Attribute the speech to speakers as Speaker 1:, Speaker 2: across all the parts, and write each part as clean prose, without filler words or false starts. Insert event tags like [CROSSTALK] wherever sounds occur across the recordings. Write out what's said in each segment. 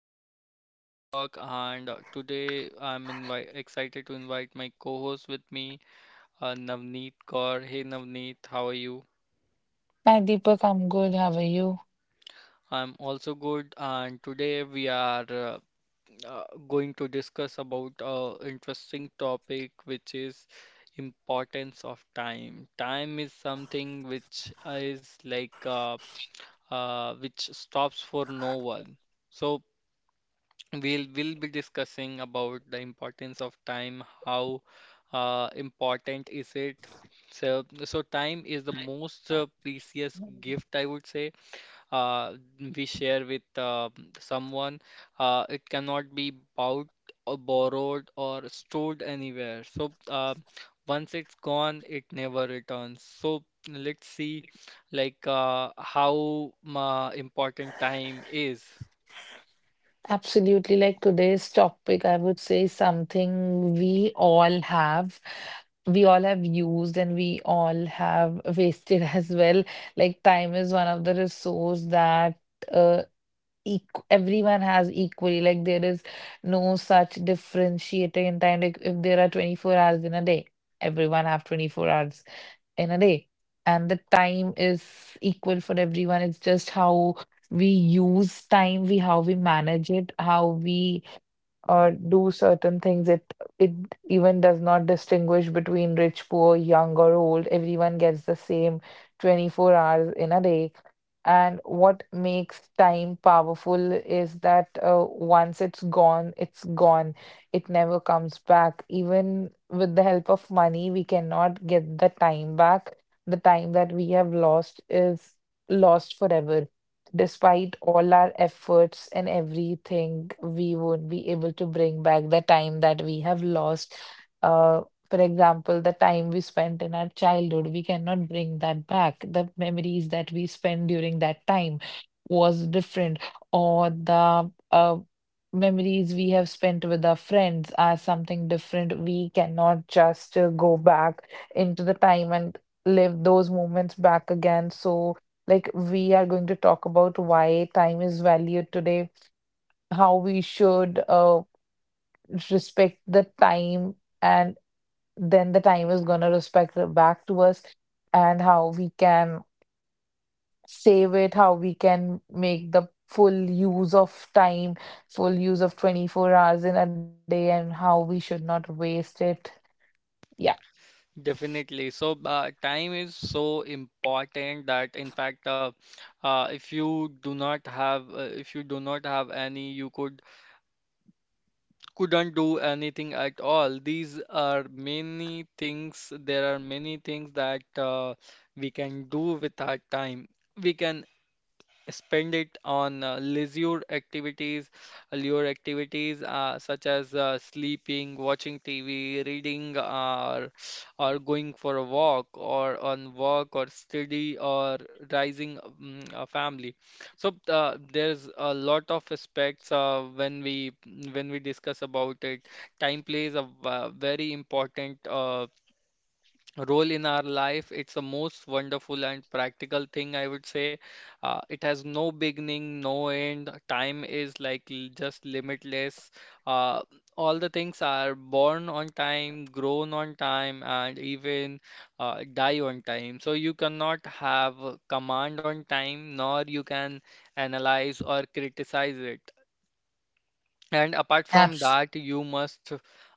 Speaker 1: host Deepak, and today I'm invi excited to invite my co-host with me, Navneet Kaur. Hey Navneet, how are you?
Speaker 2: Hi Deepak, I'm good. How are you?
Speaker 1: I'm also good, and today we are going to discuss about a interesting topic, which is importance of time. Time is something which is like which stops for no one. So we'll be discussing about the importance of time, how important is it? So time is the most precious gift I would say uh, we share with someone. It cannot be bought or borrowed or stored anywhere. So once it's gone, it never returns. So let's see like how important time is.
Speaker 2: Absolutely. Like today's topic, I would say something we all have used and we all have wasted [LAUGHS] as well. Like time is one of the resource that uh, eq everyone has equally. Like there is no such differentiating in time. Like if there are 24 hours in a day, everyone have 24 hours in a day. And the time is equal for everyone. It's just how we use time, we how we manage it, how we or do certain things. It even does not distinguish between rich, poor, young or old. Everyone gets the same 24 hours in a day. And what makes time powerful is that once it's gone, it's gone. It never comes back. Even with the help of money, we cannot get the time back. The time that we have lost is lost forever despite all our efforts and everything. We won't be able to bring back the time that we have lost. Uh, for example, the time we spent in our childhood, we cannot bring that back. The memories that we spent during that time was different, or the memories we have spent with our friends are something different. We cannot just go back into the time and live those moments back again. So, like, we are going to talk about why time is valued today, how we should respect the time, and then the time is going to respect it back to us, and how we can save it, how we can make the full use of time, full use of 24 hours in a day, and how we should not waste it. Yeah.
Speaker 1: Definitely. So, time is so important that, in fact, if you do not have, if you do not have any, you couldn't do anything at all. These are many things. There are many things that we can do with our time. We can spend it on leisure activities, lure activities such as sleeping, watching TV, reading, or going for a walk, or on work, or study, or raising a family. So there's a lot of aspects when we discuss about it. Time plays a very important role in our life. It's the most wonderful and practical thing, I would say. It has no beginning, no end. Time is like just limitless. Uh, all the things are born on time, grown on time, and even die on time. So you cannot have a command on time, nor you can analyze or criticize it. And apart from
Speaker 2: Absolutely.
Speaker 1: that, you must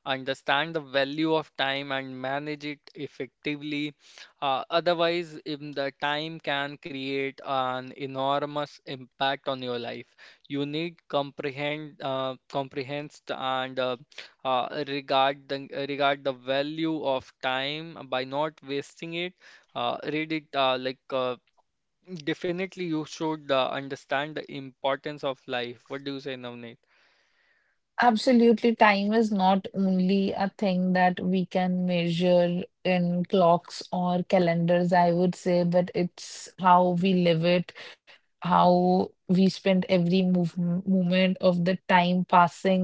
Speaker 1: understand the value of time and manage it effectively. Otherwise, in the time can create an enormous impact on your life. You need comprehend, comprehend and regard the value of time by not wasting it. Read it definitely you should understand the importance of life. What do you say, Navneet?
Speaker 2: Absolutely, time is not only a thing that we can measure in clocks or calendars, I would say, but it's how we live it, how we spend every move moment of the time passing,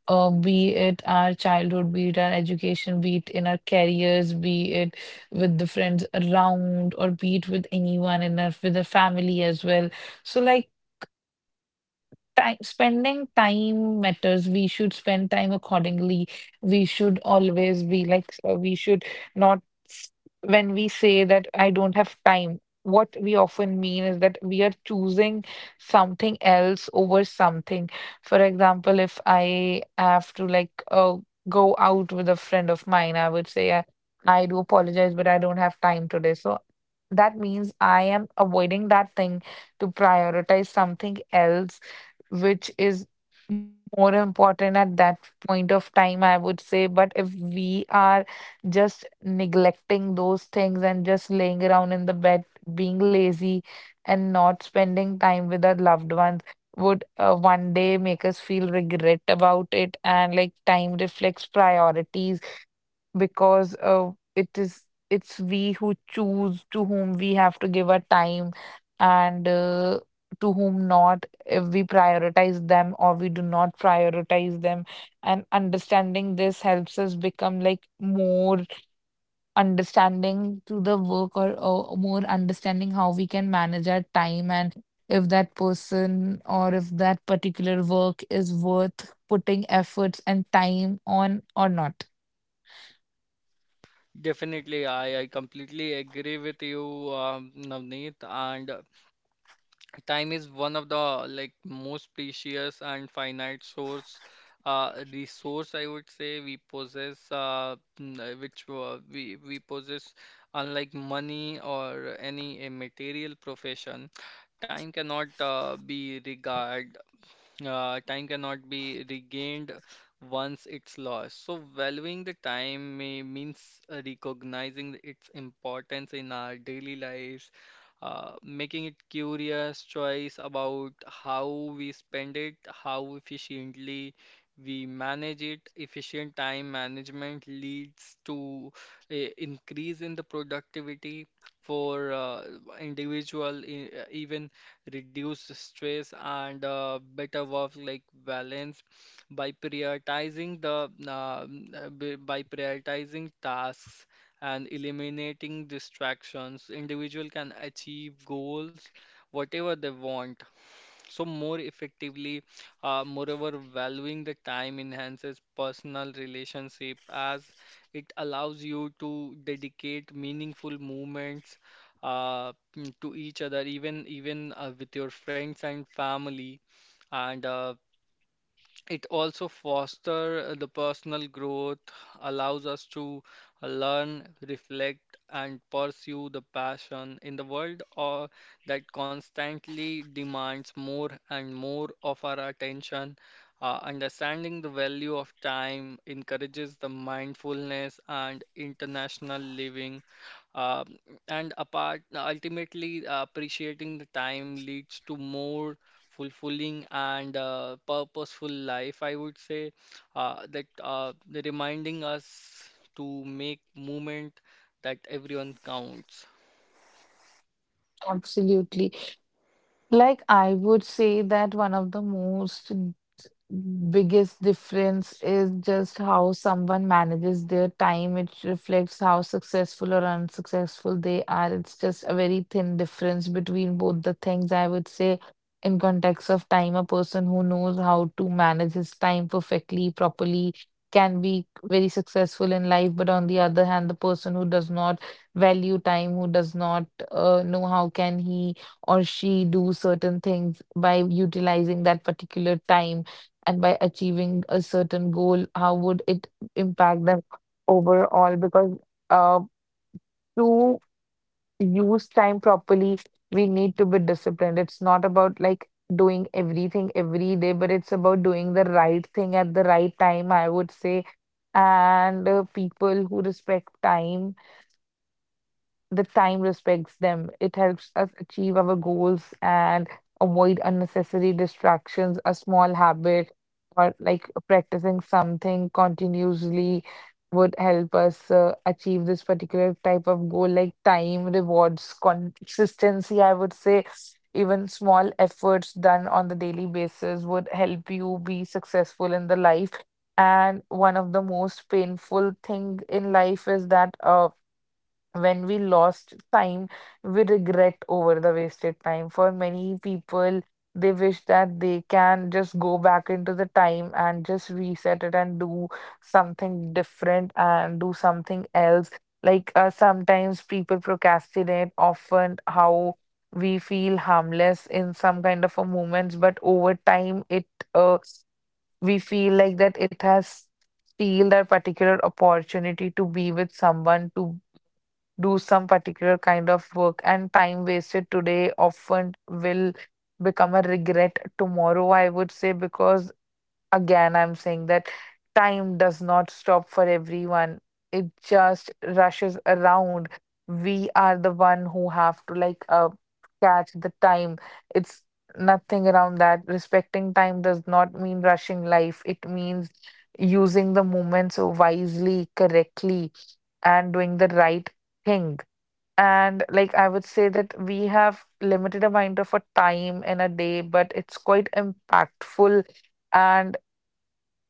Speaker 2: be it our childhood, be it our education, be it in our careers, be it with the friends around, or be it with anyone in our with the family as well. So, like, spending time matters. We should spend time accordingly. We should always be like, we should not, s- when we say that I don't have time, what we often mean is that we are choosing something else over something. For example, if I have to like go out with a friend of mine, I would say, I do apologize, but I don't have time today. So that means I am avoiding that thing to prioritize something else which is more important at that point of time, I would say. But if we are just neglecting those things and just laying around in the bed, being lazy, and not spending time with our loved ones, would one day make us feel regret about it. And like time reflects priorities because it's we who choose to whom we have to give our time and to whom not, if we prioritize them or we do not prioritize them, and understanding this helps us become like more understanding to the work, or more understanding how we can manage our time and if that person or if that particular work is worth putting efforts and time on or not.
Speaker 1: Definitely, I completely agree with you, Navneet. And time is one of the like most precious and finite source, resource I would say we possess, which we possess, unlike money or any a material profession. Time cannot be regard time cannot be regained once it's lost. So, valuing the time may means recognizing its importance in our daily lives, making it curious choice about how we spend it, how efficiently we manage it. Efficient time management leads to a increase in the productivity for individual, even reduce stress and better work like balance by prioritizing the by prioritizing tasks and eliminating distractions individual can achieve goals whatever they want so more effectively. Moreover, valuing the time enhances personal relationship as it allows you to dedicate meaningful moments to each other, even with your friends and family, and it also foster the personal growth, allows us to learn, reflect, and pursue the passion in the world or that constantly demands more and more of our attention. Understanding the value of time encourages the mindfulness and international living um and apart, ultimately, appreciating the time leads to more fulfilling and purposeful life, I would say, that the reminding us to make movement that everyone counts.
Speaker 2: Absolutely. Like, I would say that one of the most biggest difference is just how someone manages their time. It reflects how successful or unsuccessful they are. It's just a very thin difference between both the things. I would say, in context of time, a person who knows how to manage his time perfectly, properly, can be very successful in life. But on the other hand, the person who does not value time, who does not know how can he or she do certain things by utilizing that particular time and by achieving a certain goal, how would it impact them overall? Because uh, to use time properly, we need to be disciplined. It's not about like doing everything every day, but it's about doing the right thing at the right time, I would say. And people who respect time, the time respects them. It helps us achieve our goals and avoid unnecessary distractions. A small habit or like practicing something continuously would help us achieve this particular type of goal, like time rewards consistency, I would say. Even small efforts done on the daily basis would help you be successful in the life. And one of the most painful thing in life is that when we lost time, we regret over the wasted time. For many people, they wish that they can just go back into the time and just reset it and do something different and do something else. Like, sometimes people procrastinate often how we feel harmless in some kind of a moments, but over time it uh, we feel like that it has steal that particular opportunity to be with someone, to do some particular kind of work, and time wasted today often will become a regret tomorrow, I would say. Because again, I'm saying that time does not stop for everyone, it just rushes around. We are the one who have to like catch the time. It's nothing around that respecting time does not mean rushing life, it means using the moments wisely, correctly, and doing the right thing. And like I would say that we have limited amount of a time in a day, but it's quite impactful. And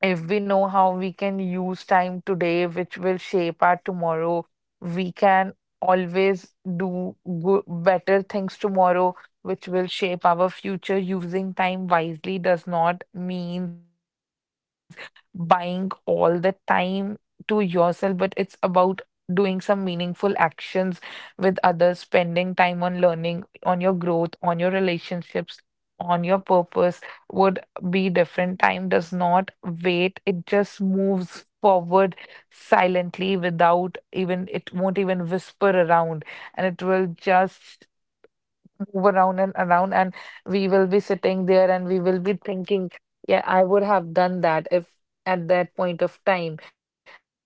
Speaker 2: if we know how we can use time today, which will shape our tomorrow, we can always do good, better things tomorrow, which will shape our future. Using time wisely does not mean buying all the time to yourself, but it's about doing some meaningful actions with others, spending time on learning, on your growth, on your relationships, on your purpose. Would be different. Time does not wait, it just moves forward silently without even, it won't even whisper around, and it will just move around and around, and we will be sitting there and we will be thinking, yeah, I would have done that if at that point of time.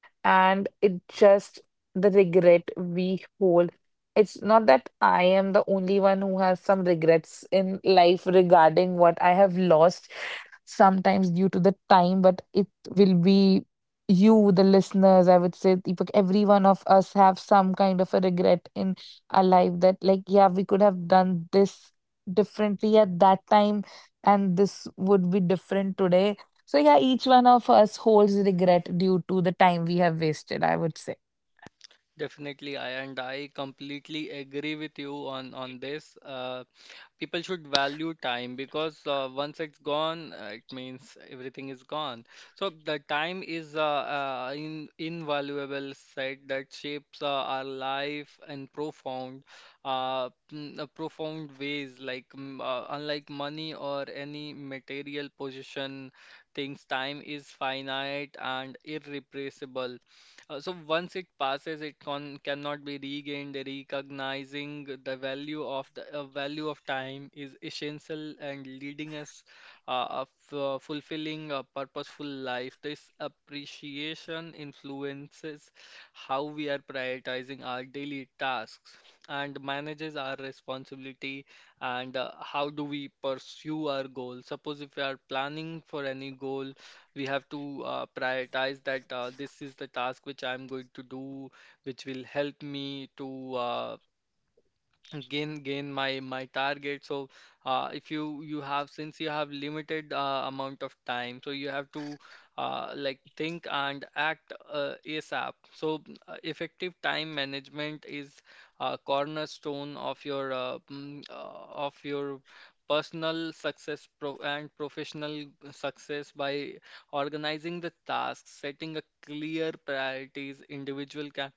Speaker 2: And it just, the regret we hold, it's not that I am the only one who has some regrets in life regarding what I have lost sometimes due to the time, but it will be you the listeners, I would say. Deepak, every one of us have some kind of a regret in our life that like, yeah, we could have done this differently at that time, and this would be different today. So yeah, each one of us holds regret due to the time we have wasted, I would say.
Speaker 1: Definitely, I completely agree with you on this. People should value time because once it's gone, it means everything is gone. So the time is invaluable set that shapes our life in profound, profound ways. Like unlike money or any material possession, things time is finite and irreplaceable. So once it passes, it con cannot be regained. Recognizing the value of time is essential and leading us uh, a fulfilling a purposeful life. This appreciation influences how we are prioritizing our daily tasks and manages our responsibility and how do we pursue our goals. Suppose if we are planning for any goal we have to prioritize that this is the task which I'm going to do, which will help me to gain my target. So if you you have since you have limited amount of time, so you have to like think and act ASAP. So effective time management is a cornerstone of your personal success professional success by organizing the tasks setting a clear priorities individual can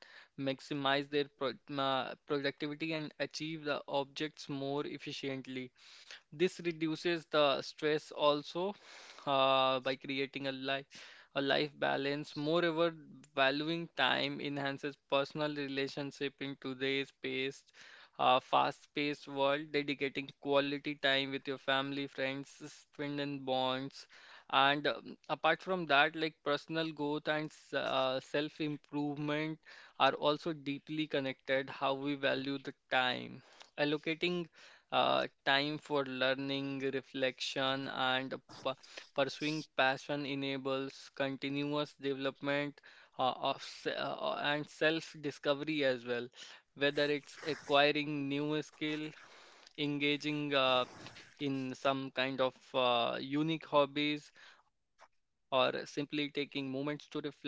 Speaker 1: maximize their productivity and achieve the objects more efficiently. This reduces the stress also by creating a life balance. Moreover, valuing time enhances personal relationship in today's paced fast-paced world. Dedicating quality time with your family, friends, strengthen bonds. And apart from that, like personal growth and self-improvement are also deeply connected how we value the time, allocating time for learning, reflection, and pu- pursuing passion enables continuous development and self-discovery as well. Whether it's acquiring new skill, engaging in some kind of unique hobbies, or simply taking moments to reflect.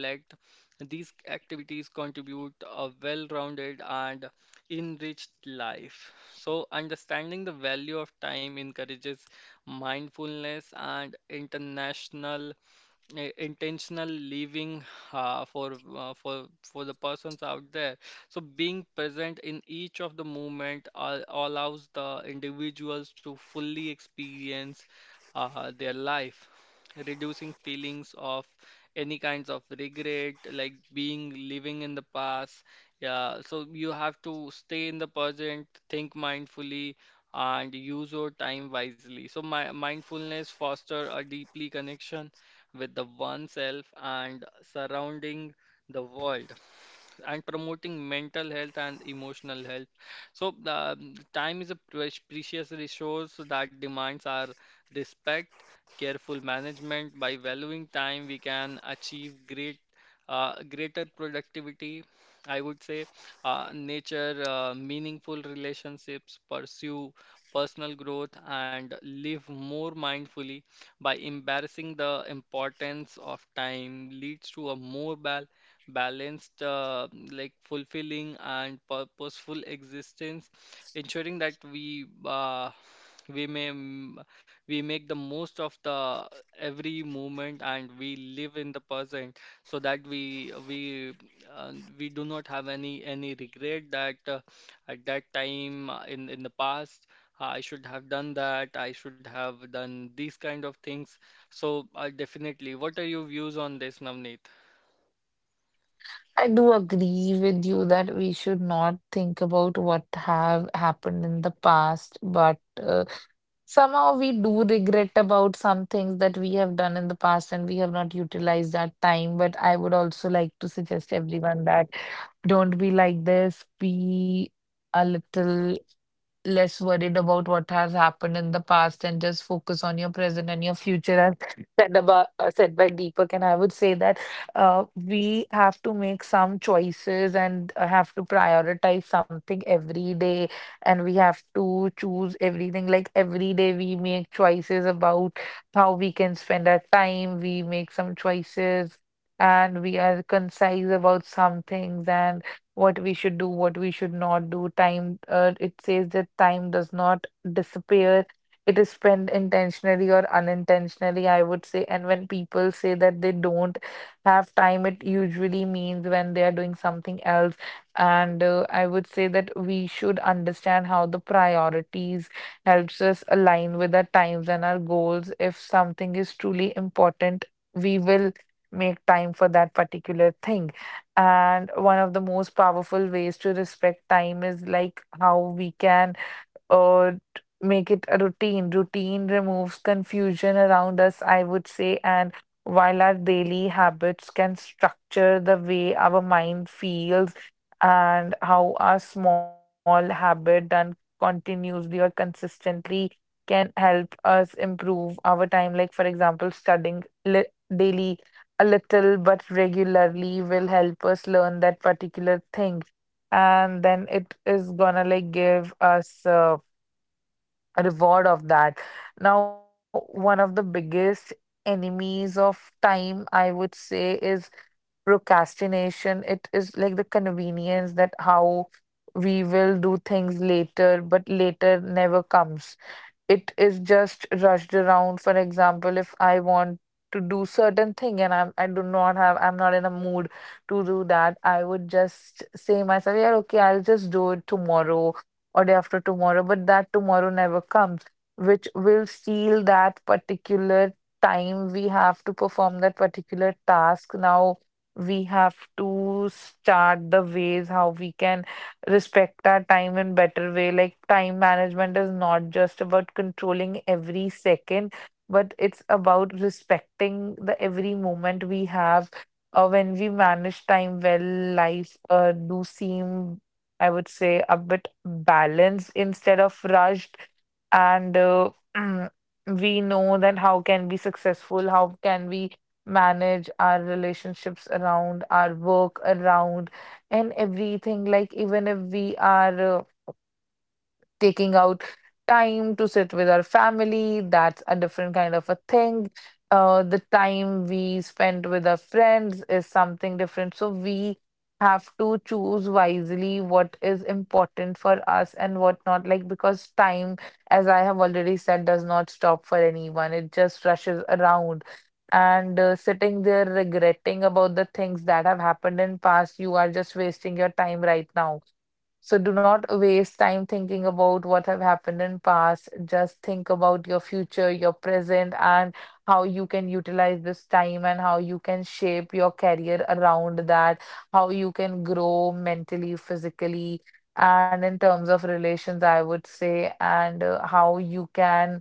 Speaker 1: These activities contribute a well-rounded and enriched life. So, understanding the value of time encourages mindfulness and international intentional living for the persons out there. So being present in each of the moment allows the individuals to fully experience their life, reducing feelings of any kinds of regret, like being living in the past. Yeah, so you have to stay in the present, think mindfully, and use your time wisely. So my mindfulness foster a deeply connection with the oneself and surrounding the world and promoting mental health and emotional health. So, the time is a precious resource that demands our respect, careful management. By valuing time, we can achieve greater productivity. I would say, nature, meaningful relationships, pursue personal growth, and live more mindfully by embarrassing the importance of time leads to a more balanced, like fulfilling and purposeful existence, ensuring that we may m- we make the most of the every moment and we live in the present, so that uh, we do not have any regret that at that time in the past I should have done that, I should have done these kind of things. So, definitely, what are your views on this, Navneet?
Speaker 2: I do agree with you that we should not think about what have happened in the past, but somehow we do regret about some things that we have done in the past and we have not utilized that time. But I would also like to suggest everyone that don't be like this. Be a little less worried about what has happened in the past and just focus on your present and your future, as said about, said by Deepak. And I would say that we have to make some choices and have to prioritize something every day, and we have to choose everything. Like every day we make choices about how we can spend our time. We make some choices and we are concise about some things and what we should do, what we should not do. Time, it says that time does not disappear. It is spent intentionally or unintentionally, I would say. And when people say that they don't have time, it usually means when they are doing something else. And I would say that we should understand how the priorities helps us align with our times and our goals. If something is truly important, we will make time for that particular thing. And one of the most powerful ways to respect time is like how we can or make it a routine. Routine removes confusion around us, I would say, and while our daily habits can structure the way our mind feels and how our small habit done continuously or consistently can help us improve our time. Like, for example, studying li daily a little but regularly will help us learn that particular thing, and then it is gonna like give us a reward of that. Now, one of the biggest enemies of time, I would say, is procrastination. It is like the convenience that how we will do things later, but later never comes, it is just rushed around. For example, if I want to do certain thing and I do not have, I'm not in a mood to do that, I would just say myself, yeah, okay, I'll just do it tomorrow or day after tomorrow. But that tomorrow never comes, which will steal that particular time we have to perform that particular task. Now we have to start the ways how we can respect our time in better way. Like, time management is not just about controlling every second, but it's about respecting the every moment we have. When we manage time well, life do seem, I would say, a bit balanced instead of rushed. And [CLEARS THROAT] we know that how can we successful, how can we manage our relationships around our work around and everything. Like, even if we are taking out time to sit with our family, that's a different kind of a thing. The time we spend with our friends is something different, so we have to choose wisely what is important for us and what not, like, because time, as I have already said, does not stop for anyone, it just rushes around. And sitting there regretting about the things that have happened in past, you are just wasting your time right now. So do not waste time thinking about what have happened in past. Just think about your future, your present, and how you can utilize this time and how you can shape your career around that, how you can grow mentally, physically, and in terms of relations, I would say. And how you can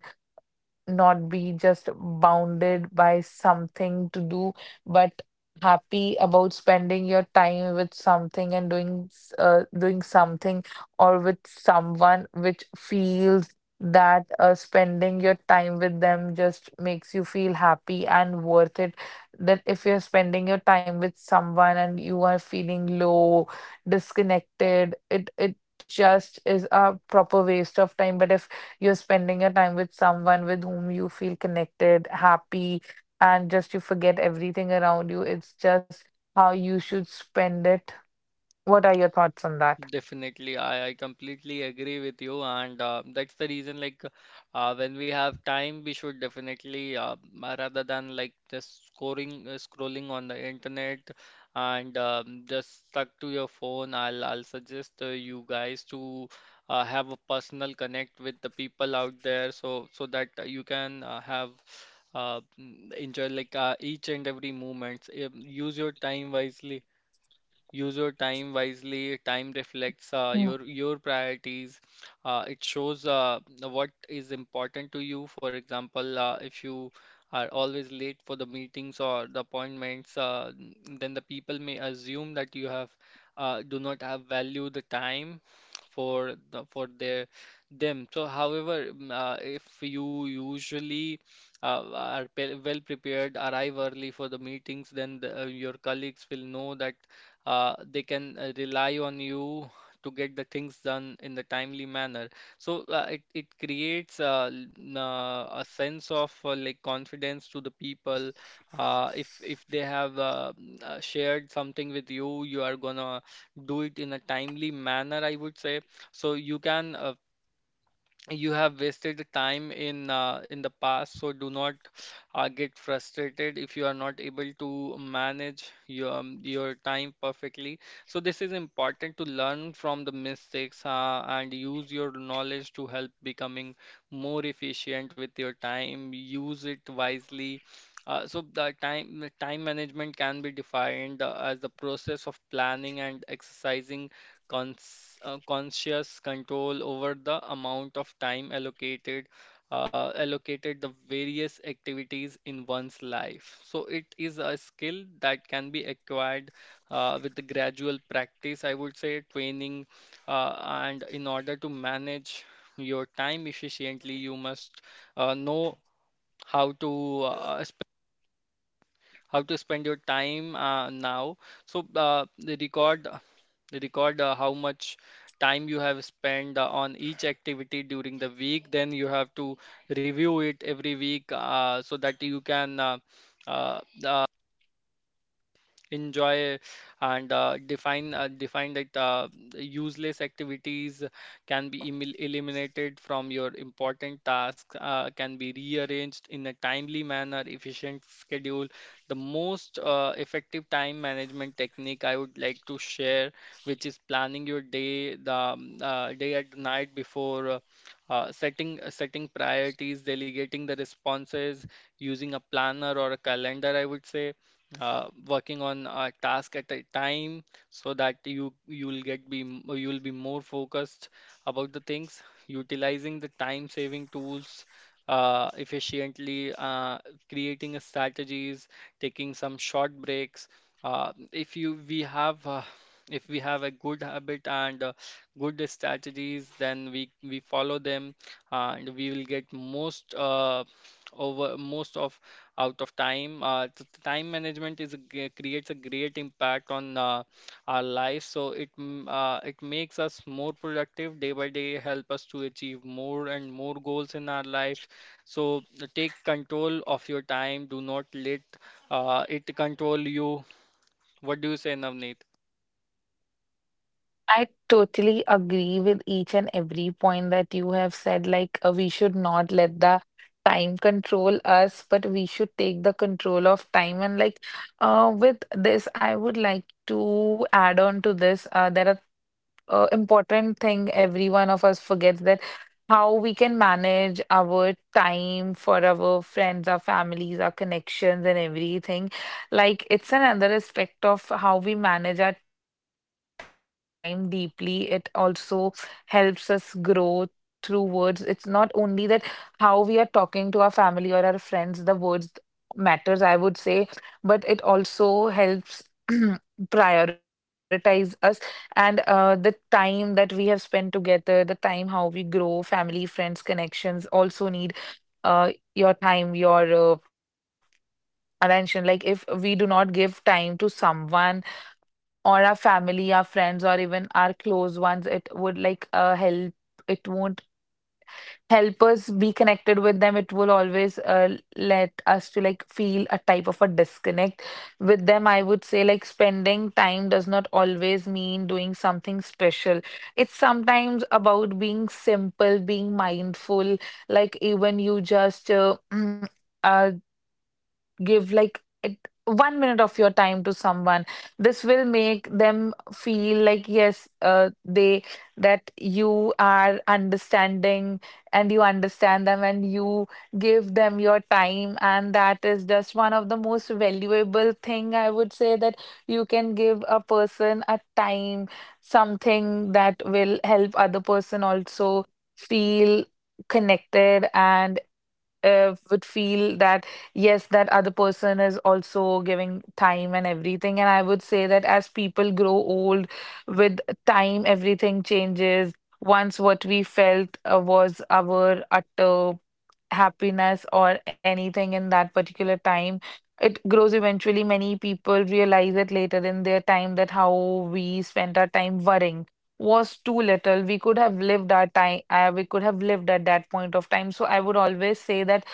Speaker 2: not be just bounded by something to do, but happy about spending your time with something and doing something or with someone which feels that spending your time with them just makes you feel happy and worth it. That if you're spending your time with someone and you are feeling low, disconnected, it just is a proper waste of time. But if you're spending your time with someone with whom you feel connected, happy, and just you forget everything around you, it's just how you should spend it. What are your thoughts on that?
Speaker 1: Definitely, I completely agree with you, and that's the reason. Like, when we have time, we should definitely, rather than like just scoring, scrolling on the internet, and just stuck to your phone. I'll suggest you guys to have a personal connect with the people out there, so that you can have. Enjoy like each and every moment. Use your time wisely. Use your time wisely. Time reflects
Speaker 2: Mm.
Speaker 1: your priorities. It shows what is important to you. For example, if you are always late for the meetings or the appointments, then the people may assume that you have do not have value the time for their them. So, however, if you usually well prepared, arrive early for the meetings, then the, your colleagues will know that they can rely on you to get the things done in the timely manner. So it creates a sense of like confidence to the people. If they have shared something with you, you are gonna do it in a timely manner, I would say. So you can you have wasted the time in the past, so do not get frustrated if you are not able to manage your time perfectly. So this is important to learn from the mistakes, and use your knowledge to help becoming more efficient with your time, use it wisely. Uh, so the time management can be defined as the process of planning and exercising conscious control over the amount of time allocated allocated the various activities in one's life. So it is a skill that can be acquired with the gradual practice, I would say, training, uh, and in order to manage your time efficiently, you must know how to uh, how to spend your time now. So they record how much time you have spent on each activity during the week. Then you have to review it every week so that you can uh, enjoy and define that useless activities can be eliminated from your important tasks, can be rearranged in a timely manner efficient schedule. The most effective time management technique I would like to share, which is planning your day, the day at night before, setting priorities, delegating the responses, using a planner or a calendar, I would say, working on a task at a time, so that you'll you'll be more focused about the things, utilizing the time saving tools efficiently, creating a strategies, taking some short breaks. uh, if you we have uh, if we have a good habit and good strategies, then we follow them, and we will get most over most of out of time. Time management creates a great impact on our life. So it makes us more productive day by day, help us to achieve more and more goals in our life. So take control of your time. Do not let it control you. What do you say, Navneet?
Speaker 2: I totally agree with each and every point that you have said. Like, we should not let the time control us, but we should take the control of time. And, like, with this, I would like to add on to this. There are important thing every one of us forgets, that how we can manage our time for our friends, our families, our connections, and everything. Like, it's another aspect of how we manage our time deeply. It also helps us grow through words. It's not only that how we are talking to our family or our friends, the words matters, I would say, but it also helps [CLEARS THROAT] prioritize us. And the time that we have spent together, the time how we grow, family, friends, connections also need your time, your attention. Like, if we do not give time to someone or our family, our friends, or even our close ones, it would like help. It won't help us be connected with them. It will always let us to like feel a type of a disconnect with them. I would say, like, spending time does not always mean doing something special. It's sometimes about being simple, being mindful. Like, even you just [CLEARS THROAT] uh, give like it, 1 minute of your time to someone. This will make them feel like, yes, they, that you are understanding and you understand them and you give them your time, and that is just one of the most valuable thing, I would say, that you can give a person a time. Something that will help other person also feel connected. And would feel that yes, that other person is also giving time and everything. And I would say that as people grow old, with time, everything changes. Once what we felt was our utter happiness or anything in that particular time, it grows eventually. Many people realize it later in their time that how we spent our time worrying was too little. We could have lived our time, we could have lived at that point of time. So I would always say that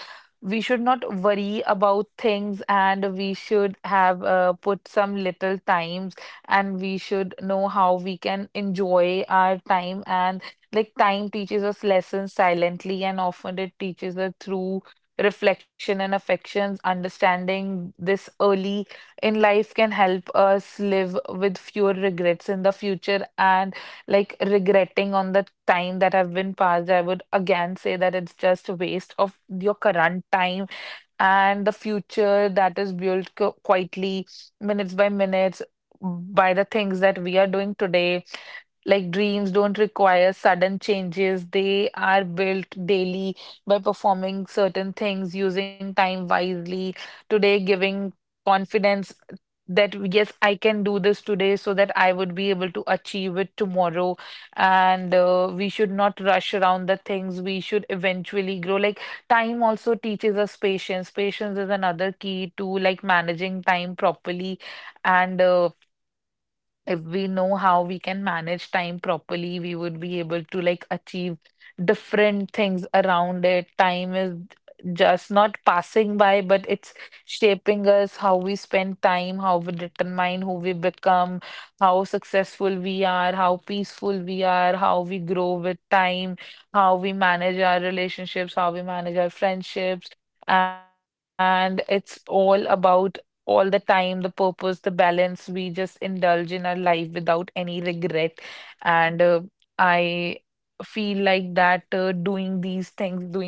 Speaker 2: we should not worry about things, and we should have put some little times, and we should know how we can enjoy our time. And, like, time teaches us lessons silently, and often it teaches us through reflection and affections. Understanding this early in life can help us live with fewer regrets in the future. And, like, regretting on the time that have been passed, I would again say that it's just a waste of your current time, and the future that is built quietly, minutes by minutes, by the things that we are doing today. Like, dreams don't require sudden changes, they are built daily by performing certain things, using time wisely. Today, giving confidence that yes, I can do this today so that I would be able to achieve it tomorrow. And we should not rush around the things, we should eventually grow. Like, time also teaches us patience. Patience is another key to, like, managing time properly. And if we know how we can manage time properly, we would be able to, like, achieve different things around it. Time is just not passing by, but it's shaping us. How we spend time, how we determine who we become, how successful we are, how peaceful we are, how we grow with time, how we manage our relationships, how we manage our friendships. And it's all about all the time, the purpose, the balance. We just indulge in our life without any regret. And I feel like that doing these things, doing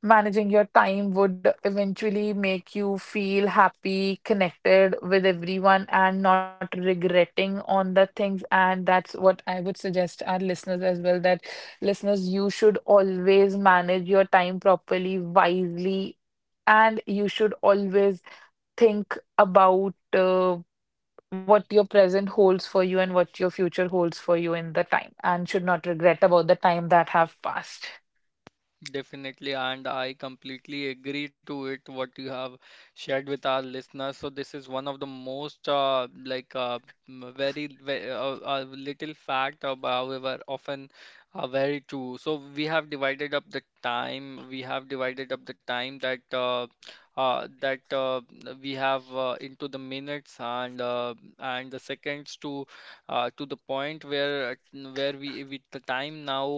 Speaker 2: managing your time would eventually make you feel happy, connected with everyone, and not regretting on the things. And that's what I would suggest our listeners as well, that listeners, you should always manage your time properly, wisely. And you should always think about what your present holds for you and what your future holds for you in the time, and should not regret about the time that have passed.
Speaker 1: Definitely, and I completely agree to it what you have shared with our listeners. So this is one of the most very, little fact, but however often very true. So we have divided up the time. We have divided up the time that uh, that uh, we have into the minutes and the seconds to the point where we with the time now.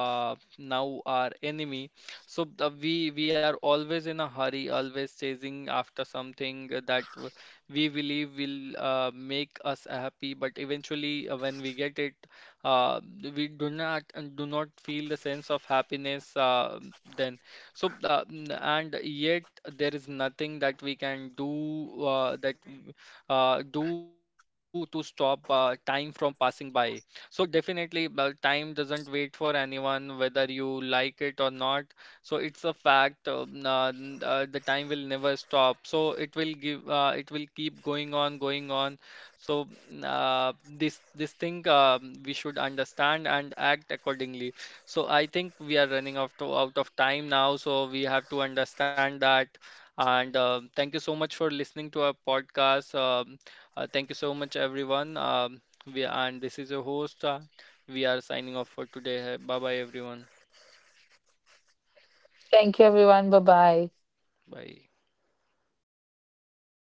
Speaker 1: Now our enemy. So the, we are always in a hurry, always chasing after something that we believe will make us happy, but eventually when we get it, uh, we do not feel the sense of happiness then. So and yet there is nothing that we can do that do to stop time from passing by. So definitely, time doesn't wait for anyone, whether you like it or not. So it's a fact. The time will never stop. So it will give. It will keep going on, going on. So this thing we should understand and act accordingly. So I think we are running out of time now. So we have to understand that. And thank you so much for listening to our podcast. Thank you so much, everyone. We and this is your host. We are signing off for today. Bye bye everyone.
Speaker 2: Thank you everyone. Bye bye.
Speaker 1: Bye.